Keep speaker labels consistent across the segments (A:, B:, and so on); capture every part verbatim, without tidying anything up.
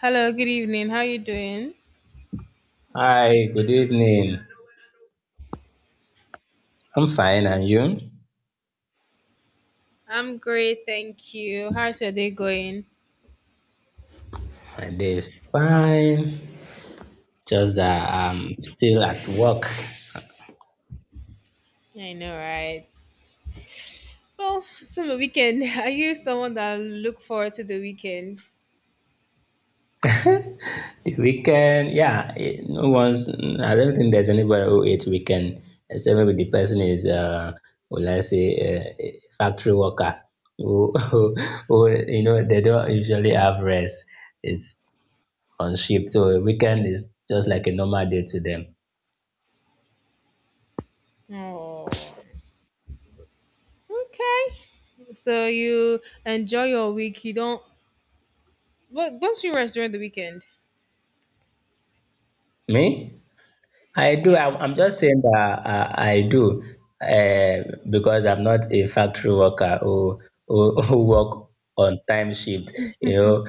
A: Hello, good evening. How you doing?
B: Hi, good evening. I'm fine, and you?
A: I'm great, thank you. How's your day going?
B: My day is fine. Just that I'm still at work.
A: I know, right? Well, it's on the weekend. Are you someone that look forward to the weekend?
B: The weekend, yeah, it, no one's. I don't think there's anybody who hates weekend, except maybe the person is, uh, will I say, uh, a factory worker who, who, who, you know, they don't usually have rest. It's on shift, so weekend is just like a normal day to them.
A: Oh, okay. So you enjoy your week. You don't. Well, don't you rest during the weekend?
B: Me? I do. I'm,
A: Yeah.
B: I'm just saying that I, I do uh, because I'm not a factory worker who, who, who work on time shift. You know,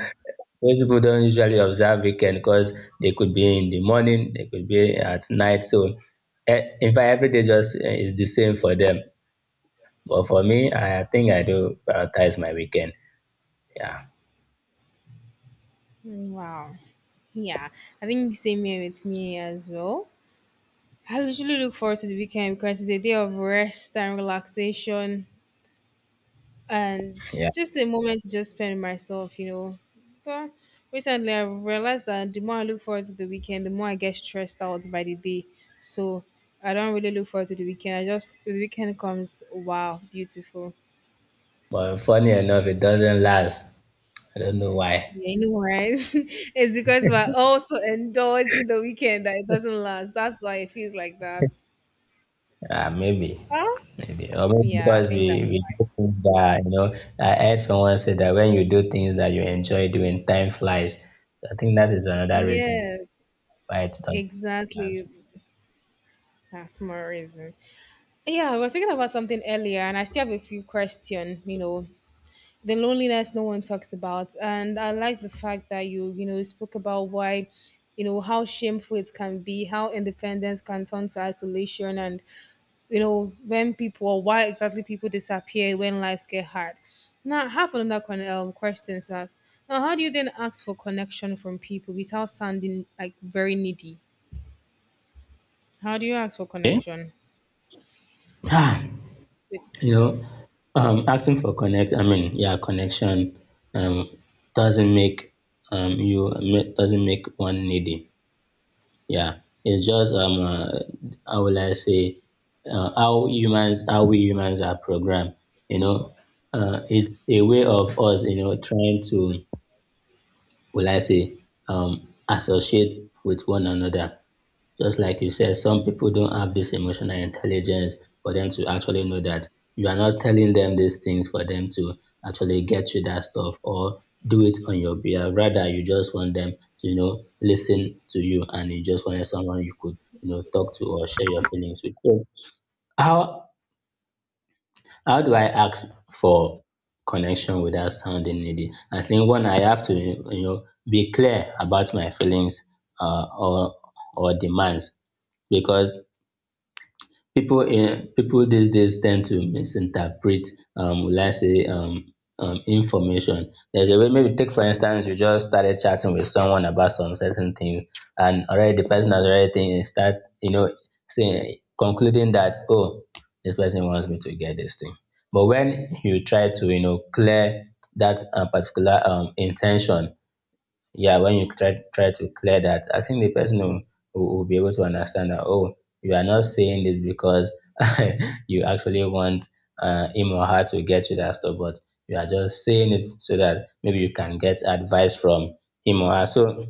B: most people don't usually observe weekend because they could be in the morning, they could be at night. So, uh, in fact, every day just eh, is the same for them. But for me, I think I do prioritize my weekend. Yeah,
A: Mm, wow. Yeah. I think same here with me as well. I usually look forward to the weekend because it's a day of rest and relaxation, and
B: yeah.
A: just a moment to just spend with myself, you know. But recently, I realized that the more I look forward to the weekend, the more I get stressed out by the day. So I don't really look forward to the weekend. I just the weekend comes, wow, beautiful.
B: But funny enough, it doesn't last. I don't know why.
A: Yeah, you know, right? It's because we're also indulging the weekend that it doesn't last. That's why it feels like that.
B: Uh, maybe.
A: Huh?
B: Maybe or maybe
A: Yeah, I
B: because we
A: think that's
B: we
A: why.
B: do things that you know. I heard someone say that when you do things that you enjoy doing, time flies. So I think that is another reason
A: Yes,
B: why it doesn't. pass.
A: exactly. That's more reason. Yeah, we were talking about something earlier, and I still have a few questions. You know, the loneliness no one talks about, and I like the fact that you, you know, spoke about why, you know, how shameful it can be, how independence can turn to isolation, and you know, when people, or why exactly people disappear when lives get hard. Now, I have another con- um, question to ask. Now, how do you then ask for connection from people without sounding like very needy? How do you ask for
B: Okay.
A: connection?
B: Ah, you know, um, asking for connect. I mean, yeah, connection um, doesn't make um, you doesn't make one needy. Yeah, it's just um, uh, how will I say, uh, how humans, how we humans are programmed. You know, uh, it's a way of us, you know, trying to, will I say, um, associate with one another. Just like you said, some people don't have this emotional intelligence for them to actually know that you are not telling them these things for them to actually get you that stuff or do it on your behalf. Rather, you just want them to, you know, listen to you and you just wanted someone you could, you know, talk to or share your feelings with. So how how do I ask for connection without sounding needy? I think one I have to, you know, be clear about my feelings uh, or or demands because people in people these days tend to misinterpret um will I say um um information. There's a way maybe take for instance you just started chatting with someone about some certain thing and already the person has already think, eh, start you know saying concluding that oh this person wants me to get this thing. But when you try to you know clear that uh, particular um intention yeah, when you try try to clear that, I think the person will, will will be able to understand that, oh, you are not saying this because you actually want uh, him or her to get you that stuff, but you are just saying it so that maybe you can get advice from him or her. So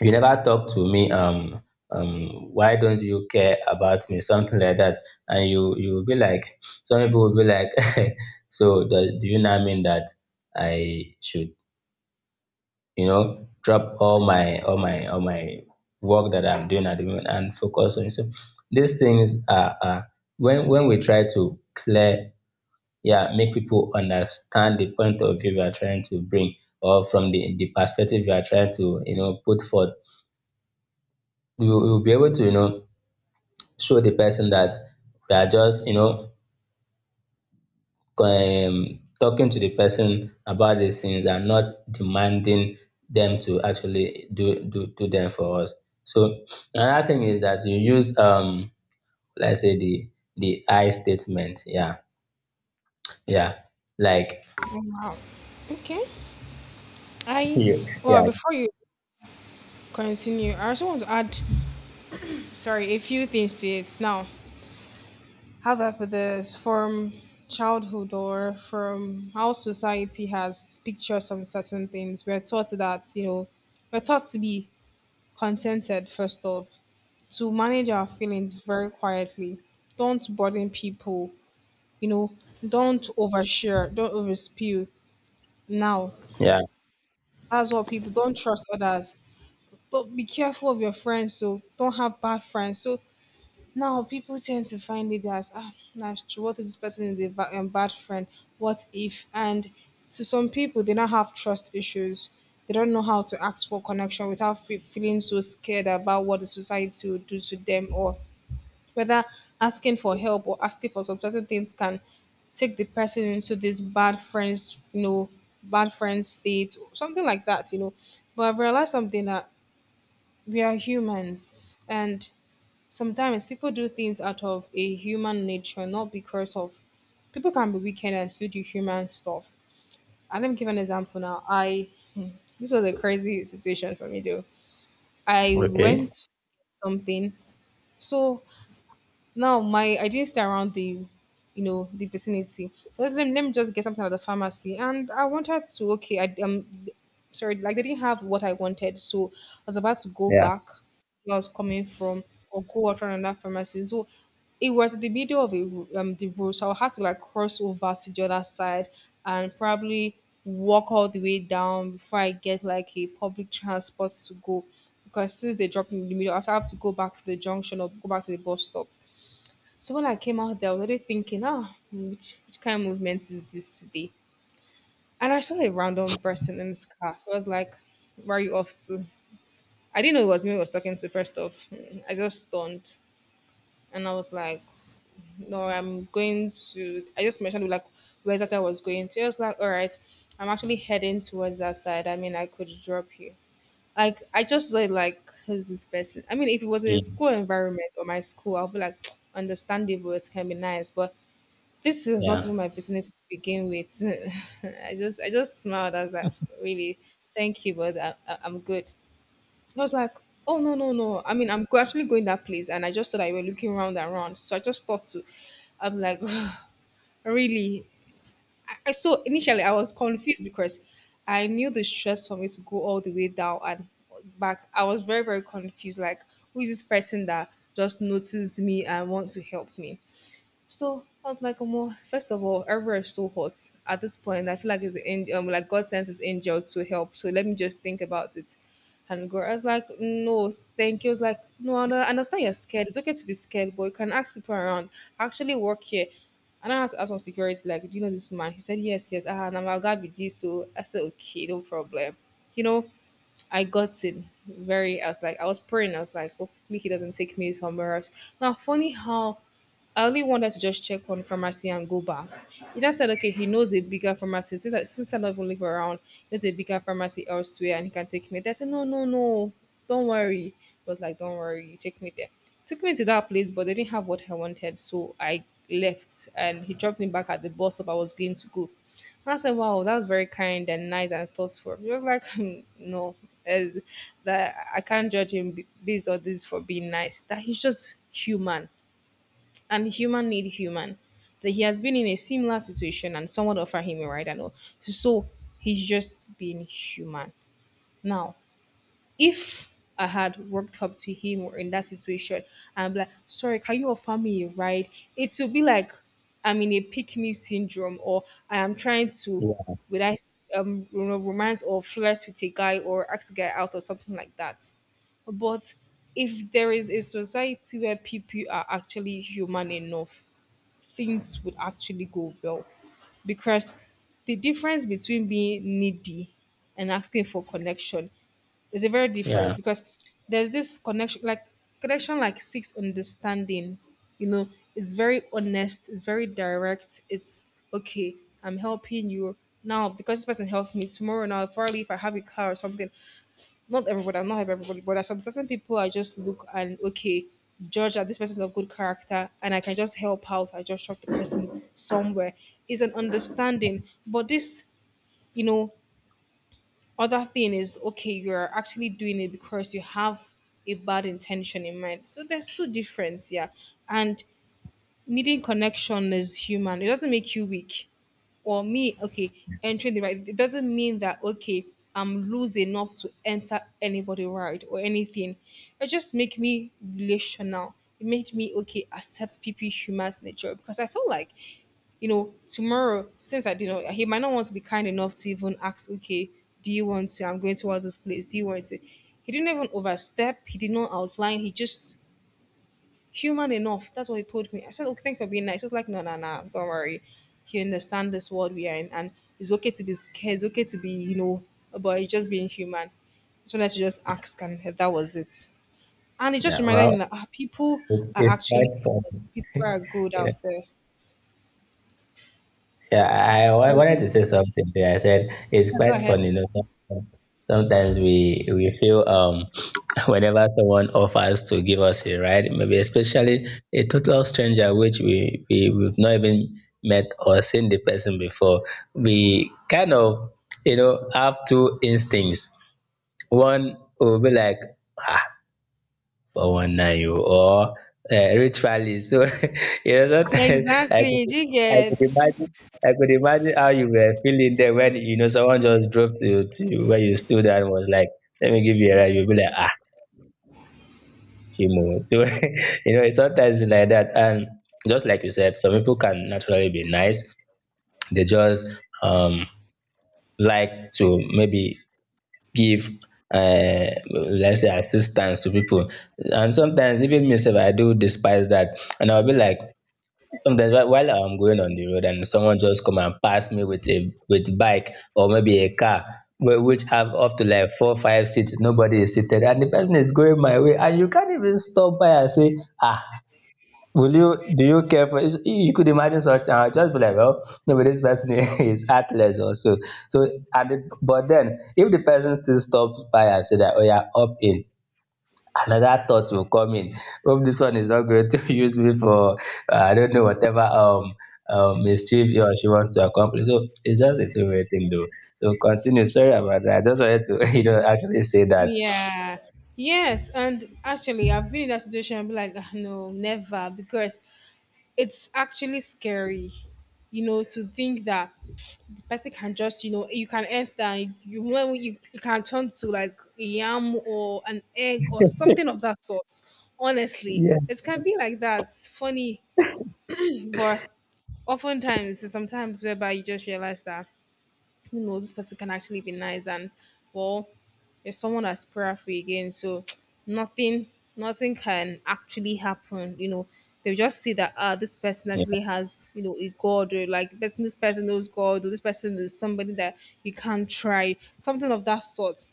B: you never talk to me. Um, um, why don't you care about me? Something like that, and you you will be like, some people will be like, so do, do you now mean that I should you know, drop all my all my all my work that I'm doing at the moment and focus on it. So these things are, are when when we try to clear, yeah, make people understand the point of view we are trying to bring or from the the perspective we are trying to you know put forth, we will we will be able to you know show the person that we are just you know um, talking to the person about these things and not demanding them to actually do do, do them for us. So another thing is that you use um let's say the the I statement. Yeah. Yeah. Like
A: Wow. Okay. I
B: you yeah.
A: well before you continue. I also want to add, sorry, a few things to it. Now, how that for this from childhood or from how society has pictures on certain things, we're taught that, you know, we're taught to be contented first off, to manage our feelings very quietly. Don't burden people, you know, don't overshare, don't overspew. Now,
B: Yeah.
A: that's what people don't trust others. But be careful of your friends, so don't have bad friends. So now, people tend to find it as ah, nah, sh- what if this person is a, ba- a bad friend? What if? And to some people, they now have trust issues. They don't know how to ask for connection without fe- feeling so scared about what the society will do to them, or whether asking for help or asking for some certain things can take the person into this bad friends, you know, bad friends state, something like that, you know. But I've realized something that we are humans, and sometimes people do things out of a human nature, not because of people can be wicked and still do human stuff. And let me give an example now. I this was a crazy situation for me though. I
B: Okay.
A: went to get something, so now my I didn't stay around the you know the vicinity. So let, let me let me just get something at the pharmacy. And I wanted to okay, I um sorry, like they didn't have what I wanted. So I was about to go
B: Yeah.
A: back where I was coming from, or go out around that pharmacy. So it was the middle of a, ro- um, the road, so I had to like cross over to the other side, and probably walk all the way down before I get like a public transport to go. Because since they dropped me in the middle, I have to go back to the junction or go back to the bus stop. So when I came out there, I was already thinking, ah, which, which kind of movement is this today? And I saw a random person in this car. I was like, where are you off to? I didn't know it was me I was talking to first off. Mm, I just stunned. And I was like, no, I'm going to, I just mentioned like where that I was going to. I was like, all right, I'm actually heading towards that side. I mean, I could drop you. Like, I just saw it like, who's this person? I mean, if it was in a
B: Mm,
A: school environment or my school, I'll be like, understandable, it can be nice. But this is not
B: yeah.
A: even my vicinity to begin with. I just I just smiled. I was like, really, thank you, but I, I, I'm good. And I was like, oh no no no. I mean, I'm go- actually going that place, and I just saw that you were looking round and round. So I just thought to, I'm like, really. I, I- so initially I was confused because I knew the stress for me to go all the way down and back. I was very very confused. Like, who is this person that just noticed me and want to help me? So I was like, "Omo, first of all, everywhere is so hot at this point. I feel like it's the an- um, like God sent his angel to help. So let me just think about it. And girl, I was like, no, thank you. I was like, no, I under- understand you're scared. It's okay to be scared, but you can ask people around. I actually work here. And I asked, asked on security, like, do you know this man? He said, yes, yes. Ah, and I'm a guy be this. So I said, okay, no problem. You know, I got in very, I was like, I was praying. I was like, hopefully he doesn't take me somewhere else. Now, funny how I only wanted to just check on pharmacy and go back. He then said, okay, he knows a bigger pharmacy. Since I, since I don't even live around, he knows a bigger pharmacy elsewhere and he can take me there. I said, no, no, no, don't worry. He was like, don't worry, you take me there. Took me to that place, but they didn't have what I wanted. So I left, and he dropped me back at the bus stop I was going to go. And I said, wow, that was very kind and nice and thoughtful. He was like, "Hmm, no, as that I can't judge him b- based on this for being nice. That he's just human, and human need human. That he has been in a similar situation and someone offer him a ride and all. So he's just being human. Now, if I had worked up to him or in that situation and be like, sorry, can you offer me a ride? It would be like I'm in a pick me syndrome, or I am trying to
B: Yeah.
A: would I um you know romance or flirt with a guy or ask a guy out or something like that. But if there is a society where people are actually human enough, things would actually go well, because the difference between being needy and asking for connection is a very difference.
B: Yeah.
A: Because there's this connection like connection like seeks understanding, you know it's very honest, it's very direct, it's okay. I'm helping you now because this person helped me tomorrow, now probably if I have a car or something, not everybody, I'm not hype everybody, but there are some certain people I just look and okay, judge that this person is of good character and I can just help out. I just chuck the person somewhere. It's an understanding. But this, you know, other thing is okay, you're actually doing it because you have a bad intention in mind. So there's two difference, yeah. And needing connection is human. It doesn't make you weak. Or me, okay, entering the right. It doesn't mean that okay, I'm loose enough to enter anybody right or anything. It just make me relational. It made me okay accept people human's nature, because I feel like, you know, tomorrow since I didn't, know, he might not want to be kind enough to even ask. Okay, do you want to? I'm going towards this place. Do you want to? He didn't even overstep. He did not outline. He just human enough. That's what he told me. I said, okay, thank you for being nice. He was like, no, no, no, don't worry. You understand this world we are in, and it's okay to be scared. It's okay to be, you know, about it's just being human. So let's just ask, and that was it. And it just
B: Yeah.
A: reminded me
B: Well
A: that ah, people
B: it,
A: are
B: it's
A: actually,
B: quite fun.
A: people are good out there.
B: Yeah, I, I
A: You
B: wanted
A: see?
B: to say something there. I said it's
A: Yeah, go
B: quite
A: ahead.
B: funny, you know. Sometimes, sometimes we we feel um whenever someone offers to give us a ride, maybe especially a total stranger which we, we we've not even met or seen the person before, we kind of you know have two instincts. One will be like, "Ah, but one nine oh, or uh, ritually." So you know sometimes I could
A: Exactly. Do you
B: I could
A: get?
B: imagine I could imagine how you were feeling there when you know someone just dropped you to you where you stood and was like, let me give you a ride. You'll be like, ah, Chimo. So you know, it's sometimes like that. And just like you said, some people can naturally be nice. They just um like to maybe give um let's say assistance to people, and sometimes even myself, I do despise that, and I'll be like sometimes while while I'm going on the road and someone just come and pass me with a with bike or maybe a car whi- which have up to like four five seats, nobody is seated and the person is going my way and you can't even stop by and say, ah, will you, do you care for? is- You could imagine such, uh, just be like, well, maybe this person is at leisure. So so at the, but then if the person still stops by and say that, oh yeah, up in, another thought will come in. Hope this one is not going to use me for uh, I don't know whatever um um mischief he or she wants to accomplish. So it's just a two way thing though. So continue. Sorry about that. I just wanted to you know actually say that.
A: Yeah. Yes. And actually, I've been in that situation. I'll be like, "Ah, no, never, because it's actually scary, you know, to think that the person can just, you know, you can enter, and you when you, you can turn to like a yam or an egg or something of that sort. Honestly,
B: Yeah.
A: it can be like that. Funny, but oftentimes, there's sometimes whereby you just realize that you know this person can actually be nice and well, there's someone that's prayerful again. So nothing nothing can actually happen. You know, they just see that ah this person
B: Yeah,
A: actually has, you know, a God or like this this person knows God or this person is somebody that you can't try, something of that sort.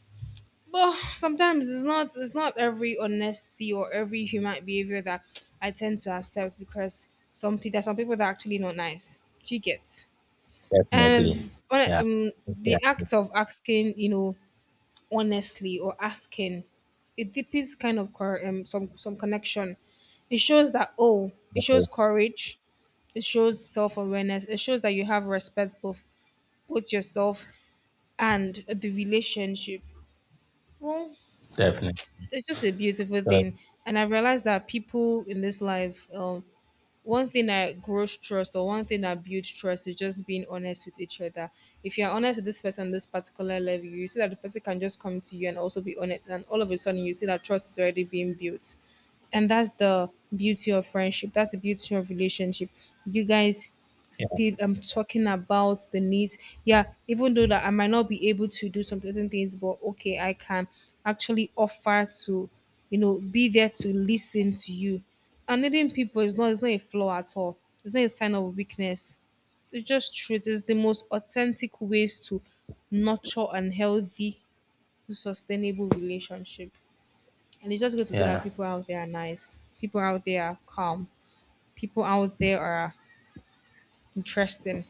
A: But sometimes it's not it's not every honesty or every human behavior that I tend to accept because some people there's some people that are actually not nice. Do you get? And
B: definitely.
A: when I-
B: Yeah,
A: um, the
B: yeah,
A: act of asking, you know, honestly or asking, it deepens kind of cor- um, some some connection. It shows that oh, it shows courage. It shows self awareness. It shows that you have respect both both yourself and the relationship. Well,
B: definitely.
A: it's just a beautiful
B: So
A: thing, and I realized that people in this life, um, one thing I grow trust or one thing I build trust is just being honest with each other. If you're honest with this person, this particular level, you see that the person can just come to you and also be honest, and all of a sudden you see that trust is already being built, and that's the beauty of friendship, that's the beauty of relationship. You guys
B: yeah.
A: speed, I'm talking about the needs. Yeah, even though that I might not be able to do some certain things, but okay, I can actually offer to, you know, be there to listen to you. And needing people is not it's not a flaw at all. It's not a sign of weakness. It's just truth. It's the most authentic ways to nurture and healthy sustainable relationship. And it's just good to see that
B: Yeah.
A: people out there are nice. People out there are calm. People out there are interesting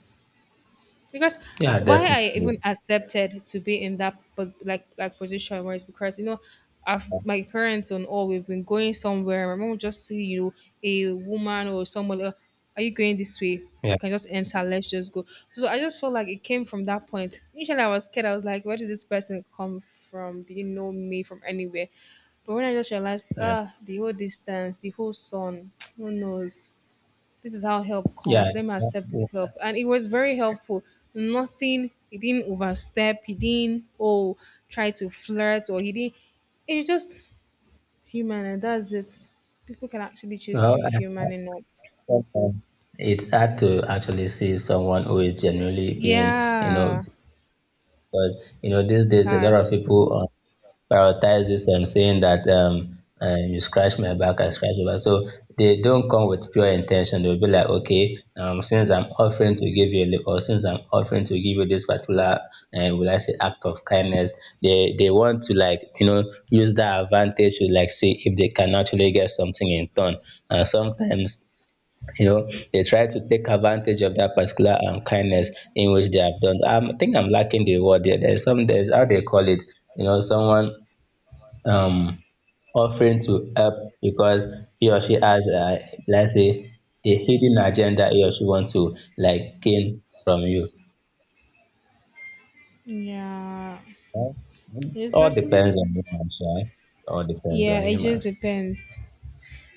A: because uh,
B: Yeah,
A: why I even
B: definitely.
A: accepted to be in that pos- like like position was because you know I've,
B: Yeah,
A: my parents and all we've been going somewhere. My mom would just see you a woman or someone. "Oh, are you going this way?
B: yeah,
A: Can just enter. Let's just go." So I just felt like it came from that point. Initially, I was scared. I was like, where did this person come from? Did you know me from anywhere? But when I just realized,
B: yeah.
A: ah, the whole distance, the whole sun, who knows? This is how help
B: Yeah.
A: comes. Let me accept this help. And it was very helpful. Nothing, he didn't overstep, he didn't, oh, try to flirt, or he didn't. It's just human, and that's it. People can actually choose to
B: Well,
A: be
B: I- I-
A: human enough.
B: sometimes it's hard to actually see someone who is genuinely being, you know,
A: Yeah,
B: because you know these
A: it's
B: days a lot of
A: hard.
B: people um, prioritize this um, saying that um, uh, you scratch my back, I scratch your back. So they don't come with pure intention. They'll be like, okay, um, since I'm offering to give you a lift, or since I'm offering to give you this particular, uh, will I say, act of kindness, they they want to like you know use that advantage to like see if they can actually get something in turn. And sometimes you know they try to take advantage of that particular um, kindness in which they have done. Um, I think I'm lacking the word there. There's some there's how they call it. You know, someone um, offering to help because he or she has, uh, let's say, a hidden agenda he or she wants to like gain from you.
A: Yeah,
B: Well,
A: it's
B: all depends
A: actually,
B: on humans, right? All depends on
A: yeah, it just
B: humans.
A: depends.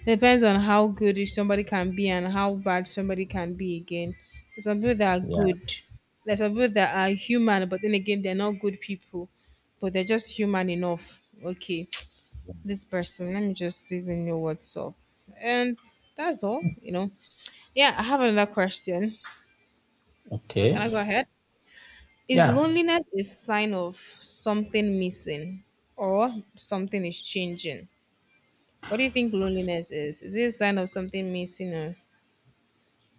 A: Depends on how good if somebody can be and how bad somebody can be again. There's some people that are
B: Yeah.
A: good. There's some people that are human, but then again, they're not good people. But they're just human enough. Okay, this person, let me just even know what's up. And that's all, you know. Yeah, I have another question. Can
B: Okay.
A: I go ahead? Is
B: Yeah.
A: loneliness a sign of something missing or something is changing? What do you think loneliness is? Is it a sign of something missing or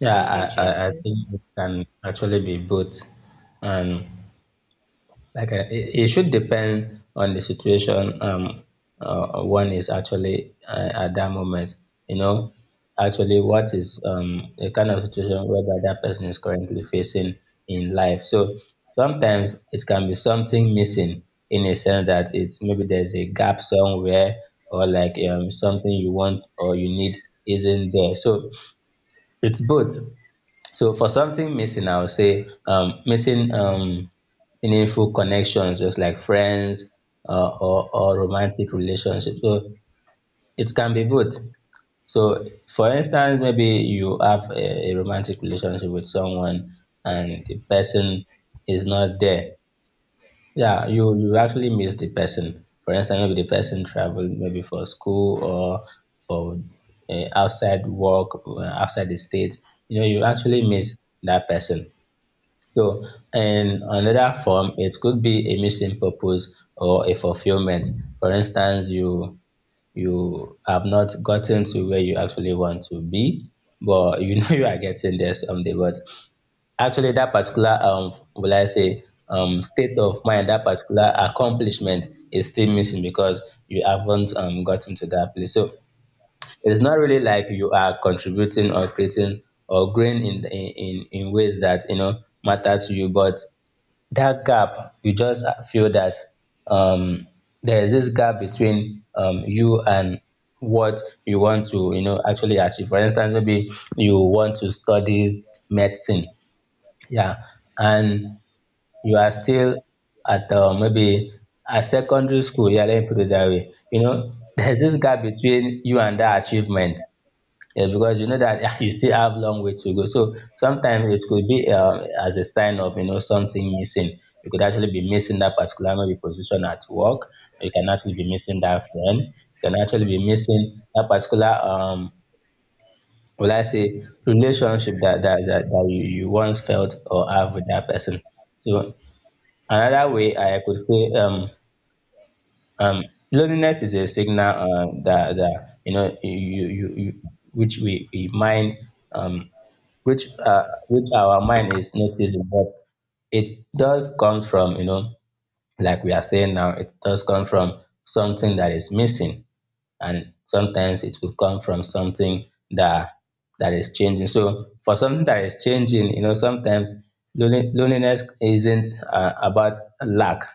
B: Yeah. I, I, I
A: changing?
B: think it can actually be both. And like, uh, it it should depend on the situation, um, uh, one is actually uh, at that moment. You know, actually, what is um, the kind of situation whereby that person is currently facing in life. So sometimes it can be something missing in a sense that it's maybe there's a gap somewhere or like um, something you want or you need isn't there. So it's both. So for something missing, I would say um, missing um, meaningful connections, just like friends, uh, or, or romantic relationships. So it can be both. So for instance, maybe you have a, a romantic relationship with someone and the person is not there. Yeah, you, you actually miss the person. For instance, maybe the person traveled maybe for school or for uh, outside work, uh, outside the state. You know, you actually miss that person. So in another form, it could be a missing purpose or a fulfillment. For instance, you you have not gotten to where you actually want to be, but you know you are getting there someday. But actually, that particular, um, will I say, um state of mind, that particular accomplishment is still missing because you haven't um gotten to that place. So it is not really like you are contributing or creating or growing in in in, in ways that you know matter to you, but that gap, you just feel that um there is this gap between um you and what you want to you know actually achieve. For instance, maybe you want to study medicine, yeah, and you are still at, uh, maybe at secondary school, yeah, let me put it that way, you know. There's this gap between you and that achievement, yeah, because you know that you still have long way to go. So sometimes it could be uh, as a sign of you know something missing. You could actually be missing that particular maybe position at work. You can actually be missing that friend. You can actually be missing that particular, um, will I say, relationship that that, that, that you, you once felt or have with that person. So another way I could say um um loneliness is a signal, uh, that that you know you you, you which we, we mind um which uh, which our mind is noticing. But it does come from, you know, like we are saying now, it does come from something that is missing, and sometimes it will come from something that that is changing. So for something that is changing, you know, sometimes lone- loneliness isn't uh, about lack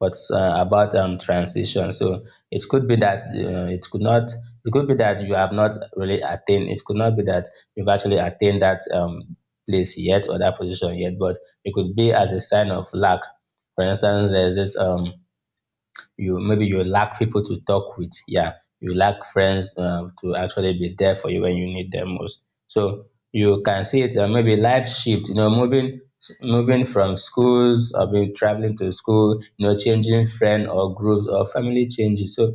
B: but uh, about um, transition. So it could be that uh, it could not. It could be that you have not really attained. It could not be that you've actually attained that um, place yet or that position yet. But it could be as a sign of lack. For instance, there's this um, you maybe you lack people to talk with. Yeah, you lack friends um, to actually be there for you when you need them most. So you can see it, uh, maybe life shift. You know, moving moving from schools or maybe traveling to school. You know, changing friend or groups or family changes. So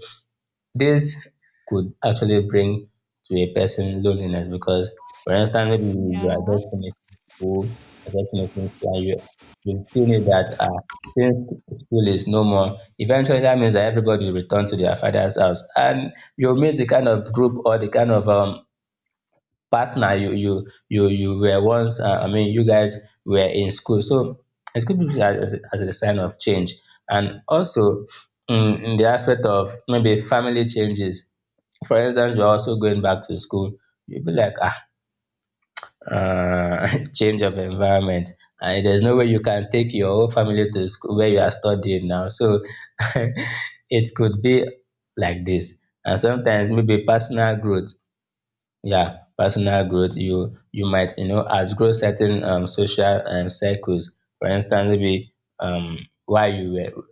B: this could actually bring to a person loneliness because, for instance, maybe you you are
A: Yeah,
B: just finishing school, you're just finishing school, and you you've seen it that, uh, since school is no more, eventually that means that everybody will return to their father's house, and you'll miss the kind of group or the kind of um partner you you you you were once. Uh, I mean, you guys were in school, so it could be viewed as, as as a sign of change, and also. Mm, in the aspect of maybe family changes, for instance, we are also going back to school, you'll be like, ah, uh, change of environment, and there's no way you can take your whole family to school where you are studying now. So it could be like this. And sometimes maybe personal growth. Yeah, personal growth, you you might, you know, outgrow certain um, social um, circles. For instance, maybe um while you were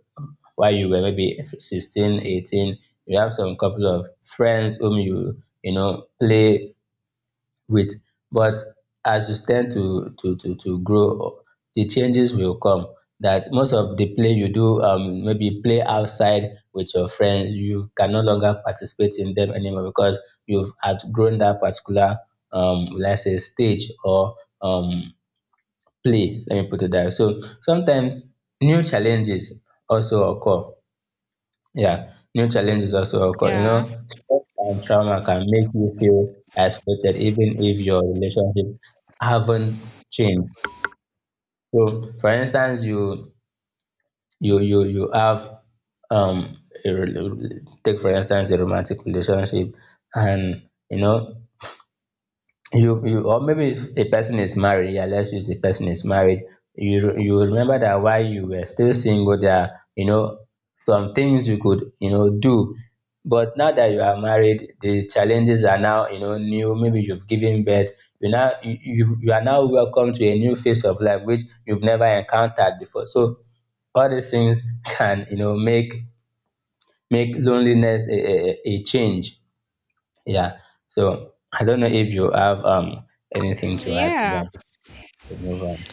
B: while you were maybe sixteen, eighteen, you have some couple of friends whom you, you know, play with. But as you stand to to to to grow, the changes will come, that most of the play you do, um maybe play outside with your friends, you can no longer participate in them anymore because you've outgrown that particular, um let's say, stage or um play, let me put it that way. So sometimes new challenges also occur. Yeah, new challenges also occur. You know,
A: yeah,
B: stress and trauma can make you feel isolated even if your relationship haven't changed. So, for instance, you you you you have um a, rel- take for instance a romantic relationship, and you know you you or maybe if a person is married, yeah, let's use the person is married. You you remember that while you were still single, there are, you know, some things you could, you know, do. But now that you are married, the challenges are now, you know, new. Maybe you've given birth, you now, you you you are now welcome to a new phase of life which you've never encountered before. So all these things can, you know, make make loneliness a a a change, yeah. So I don't know if you have um anything to add to
A: yeah.
B: that before we move on.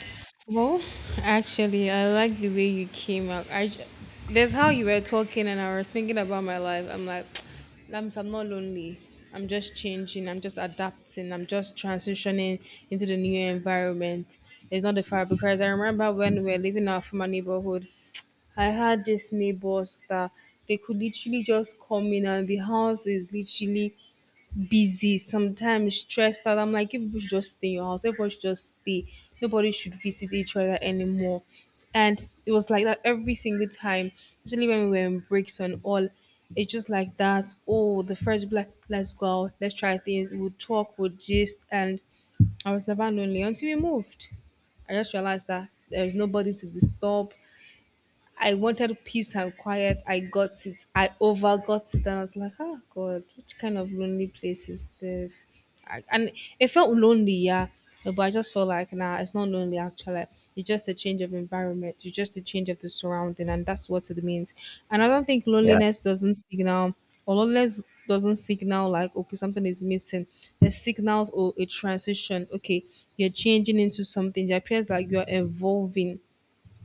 A: Well, actually, I like the way you came out. I ju- there's how you were talking, and I was thinking about my life. I'm like, i I'm not lonely. I'm just changing. I'm just adapting. I'm just transitioning into the new environment. It's not the fire because I remember when we were living out from my neighborhood. I had these neighbors that they could literally just come in, and the house is literally busy, sometimes stressed out. I'm like, you people should just stay in your house. Everybody should just stay. Nobody should visit each other anymore. And it was like that every single time, especially when we were in breaks and all. It's just like that. Oh, the first black, let's go out, let's try things. We'll talk, we'll gist. And I was never lonely until we moved. I just realized that there is nobody to disturb. I wanted peace and quiet. I got it. I overgot it. And I was like, oh God, which kind of lonely place is this? I, and it felt lonely, yeah. But I just felt like, nah, it's not lonely actually. It's just a change of environment. It's just a change of the surrounding. And that's what it means. And I don't think
B: Yeah.
A: loneliness doesn't signal, or loneliness doesn't signal like, okay, something is missing. It signals, oh, a transition. Okay, you're changing into something. It appears like you're evolving,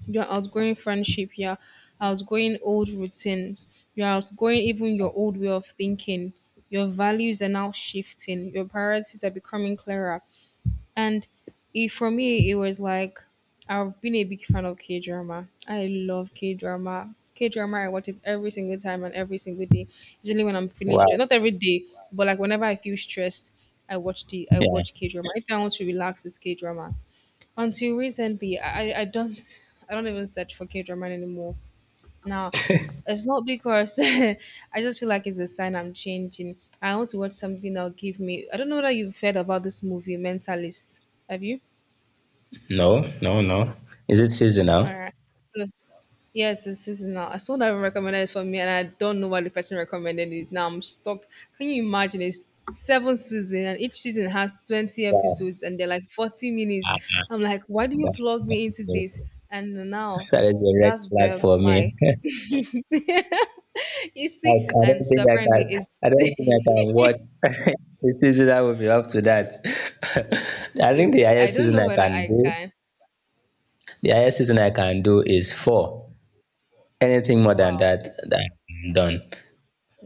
A: you're outgrowing friendship, you're outgrowing old routines, you're outgrowing even your old way of thinking. Your values are now shifting, your priorities are becoming clearer. And it, for me, it was like I've been a big fan of K drama. I love K drama. K drama, I watch it every single time and every single day. Usually when I'm feeling stressed,
B: Wow.
A: not every day, but like whenever I feel stressed, I watch the I
B: Yeah.
A: watch K drama. If I want to relax, it's K drama. Until recently, I, I don't I don't even search for K drama anymore. Now, it's not because I just feel like it's a sign I'm changing. I want to watch something that'll give me. I don't know whether you've heard about this movie, Mentalist. Have you?
B: No. No. No. Is it
A: All
B: seasonal?
A: right. So. Yes, this is now. Someone saw that one for me, and I don't know why the person recommended it. Now I'm stuck. Can you imagine? It's seven seasons, and each season has twenty
B: Wow.
A: episodes, and they're like forty minutes.
B: Ah,
A: I'm like, why do you
B: that
A: plug me into
B: is a
A: this? And now,
B: that is a red
A: that's
B: flag
A: where
B: for me.
A: my you
B: I,
A: see.
B: I don't
A: And
B: think
A: so
B: I
A: apparently,
B: can.
A: it's.
B: I don't think I can watch the season that will be up to that. I think
A: It,
B: the
A: I
B: highest
A: don't
B: season
A: know
B: I
A: whether
B: can
A: I
B: do,
A: can.
B: the highest season I can do is four. Anything more than
A: Wow.
B: that, that I'm done.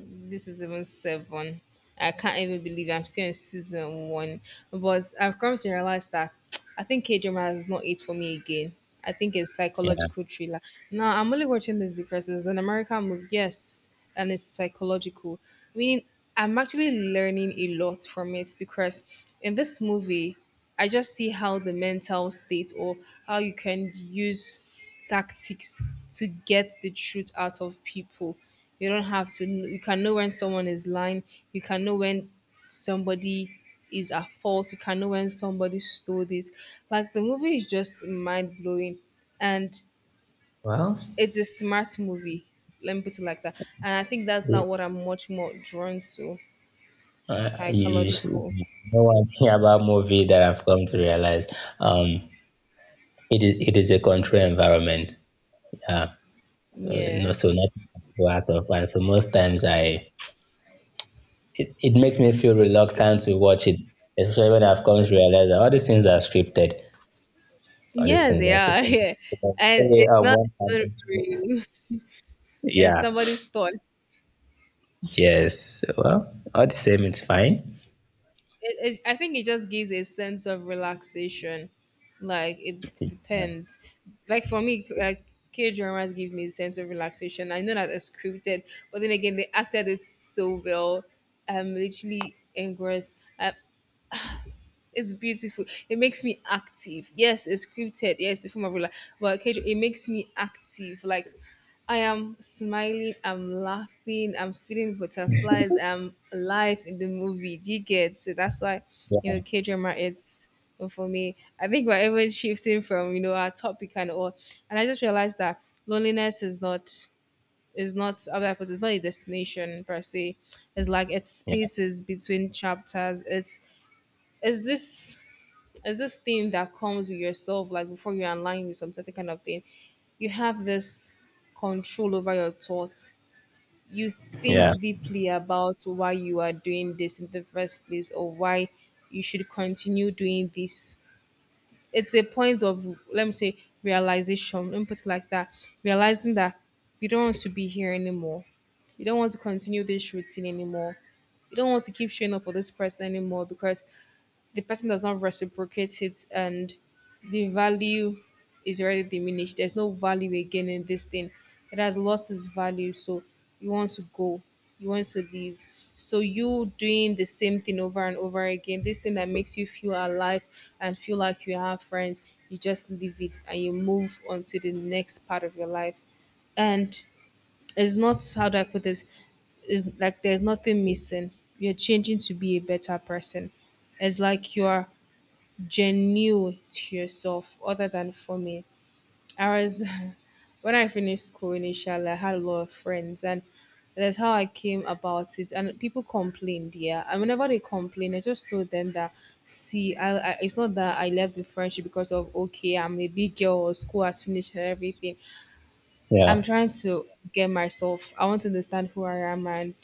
A: This is even seven. I can't even believe I'm still in season one. But I've come to realize that I think K drama is not it for me again. I think it's
B: Yeah.
A: psychological thriller. Now I'm only watching this because it's an American movie, yes, and it's psychological. Meaning I'm actually learning a lot from it because in this movie I just see how the mental state or how you can use tactics to get the truth out of people. You don't have to, kn- you can know when someone is lying, you can know when somebody is at fault, you can know when somebody stole this. Like the movie is just mind blowing, and
B: Well.
A: it's a smart movie. Let me put it like that. And I think that's not what I'm much more drawn to
B: Uh, you, you s- you
A: psychological.
B: know one thing about movie that I've come to realize, um, it is it is a controlled environment. Yeah, uh, no, so
A: Yes.
B: not go out of, and so most times I, it, it makes me feel reluctant to watch it, especially when I've come to realize that all these things are scripted. All these
A: Yes,
B: things
A: they
B: are
A: are.
B: scripted.
A: Yeah.
B: Because the
A: And
B: way,
A: it's
B: um,
A: not
B: one
A: even
B: can-
A: real. It's
B: Yeah.
A: somebody's thought.
B: Yes. Well, all the same, it's fine.
A: It is, I think it just gives a sense of relaxation. Like it
B: Yeah.
A: depends. Like for me, like K dramas give me a sense of relaxation. I know that it's scripted, but then again, they acted it so well. I'm literally engrossed. I, it's beautiful. It makes me active. Yes, it's scripted. Yes, it's a form of relax. But occasionally, it makes me active. Like I am smiling. I'm laughing. I'm feeling butterflies. I'm alive in the movie. Do you get? So that's why, you
B: Yeah.
A: know, K drama. It's well, for me. I think we're even shifting from you know our topic and all. And I just realized that loneliness is not is not how do I put it? It's not a destination per se. It's like it's spaces between chapters. It's it's this There's this thing that comes with yourself, like before you align with some certain kind of thing, you have this control over your thoughts. You
B: Yeah.
A: think deeply about why you are doing this in the first place or why you should continue doing this. It's a point of, let me say, realization, let me put it like that, realizing that you don't want to be here anymore. You don't want to continue this routine anymore. You don't want to keep showing up for this person anymore because the person does not reciprocate it, and the value is already diminished. There's no value again in this thing. It has lost its value. So you want to go, you want to leave. So you doing the same thing over and over again, this thing that makes you feel alive and feel like you have friends, you just leave it and you move on to the next part of your life. And it's not how do I put this? It's like there's nothing missing. You're changing to be a better person. It's like you're genuine to yourself other than for me. I was when I finished school initially, I had a lot of friends, and that's how I came about it. And people complained, yeah. And whenever they complained, I just told them that see, I, I it's not that I left the friendship because of okay, I'm a big girl or school has finished and everything. I'm
B: Yeah.
A: trying to get myself. I want to understand who I am, and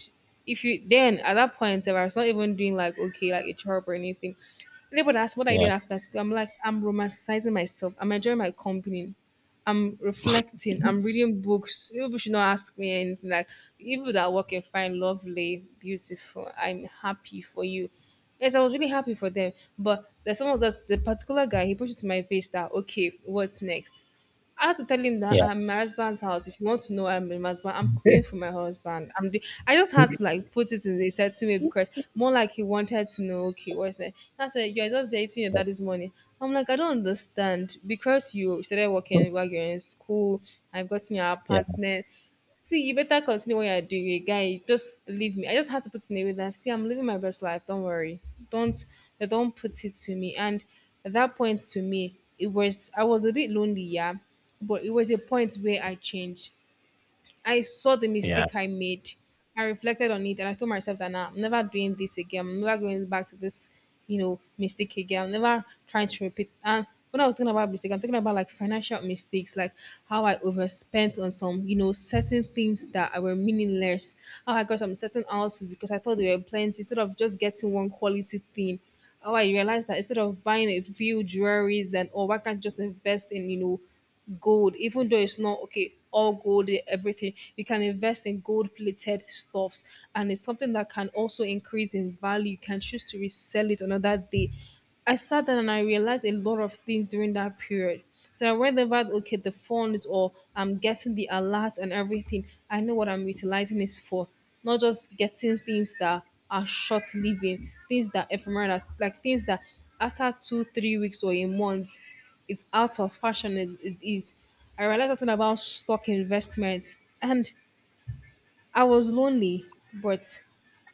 A: if you then at that point, if I was not even doing like okay, like a job or anything, anybody asks what are you
B: Yeah.
A: doing after school, I'm like I'm romanticizing myself. I'm enjoying my company. I'm reflecting. I'm reading books. People should not ask me anything like people that work and find lovely, beautiful. I'm happy for you. Yes, I was really happy for them. But there's some of those the particular guy he pushed it to my face that okay, what's next? I had to tell him that
B: Yeah.
A: I'm in my husband's house. If you want to know I'm in my husband, I'm cooking for my husband. I'm the, I just had to
B: Yeah.
A: like put it in a certain way because more like he wanted to know, okay, what's that? I said, you're just dating your daddy's money. I'm like, I don't understand. Because you started working while you're in school, I've gotten your
B: Yeah.
A: apartment. See, you better continue what you're doing, guy. Just leave me. I just had to put it in a way that see, I'm living my best life. Don't worry. Don't don't put it to me. And at that point to me, it was I was a bit lonely, yeah. But it was a point where I changed. I saw the
B: Yeah.
A: mistake I made. I reflected on it and I told myself that nah, I'm never doing this again. I'm never going back to this, you know, mistake again. I'm never trying to repeat. And when I was talking about mistake, I'm talking about like financial mistakes, like how I overspent on some, you know, certain things that were meaningless. How I got some certain houses because I thought they were plenty instead of just getting one quality thing. How I realized that instead of buying a few jewelries and oh, why can't you just invest in, you know, gold, even though it's not okay, all gold, eh, everything. You can invest in gold plated stuffs, and it's something that can also increase in value. You can choose to resell it another day. I sat down and I realized a lot of things during that period. So whenever okay, the funds or I'm getting the alert and everything, I know what I'm utilizing is for. Not just getting things that are short living, things that ephemeral, like things that after two, three weeks or a month, it's out of fashion is it is I realized something about stock investments, and I was lonely, but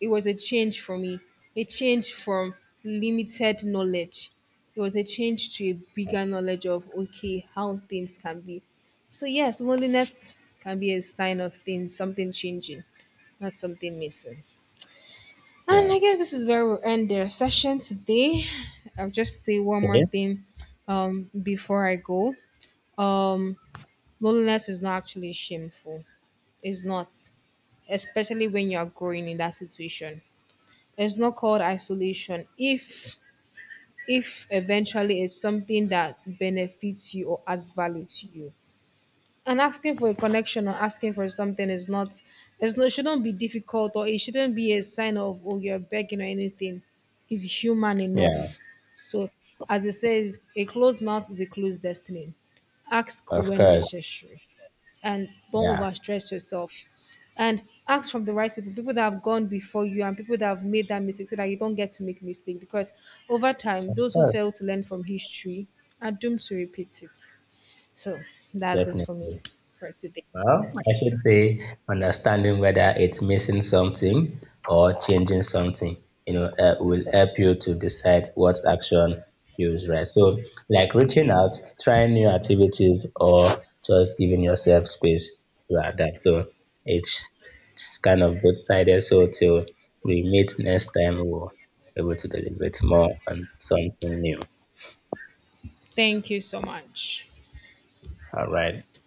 A: it was a change for me, a change from limited knowledge. It was a change to a bigger knowledge of okay how things can be. So yes, loneliness can be a sign of things something changing, not something missing. And
B: Yeah.
A: I guess this is where we'll end the session today. I'll just say one more
B: Okay.
A: thing um, before I go. Um, Loneliness is not actually shameful. It's not, especially when you are growing in that situation. It's not called isolation if if eventually it's something that benefits you or adds value to you. And asking for a connection or asking for something is not it's not shouldn't be difficult or it shouldn't be a sign of oh you're begging or anything. It's human
B: Yeah.
A: enough. So as it says, a closed mouth is a closed destiny. Ask
B: Of
A: when
B: course.
A: necessary and don't
B: Yeah.
A: overstress yourself, and ask from the right people people that have gone before you and people that have made that mistake so that you don't get to make mistake because over time
B: Of
A: those who
B: course.
A: fail to learn from history are doomed to repeat it. So that's this for me,
B: Definitely.
A: for today.
B: Well, I should say understanding whether it's missing something or changing something, you know, uh, will help you to decide what action feels right. So, like, reaching out, trying new activities, or just giving yourself space to adapt. So, it's, it's kind of both sided. So, till we meet next time, we'll be able to deliberate more on something new.
A: Thank you so much.
B: All right.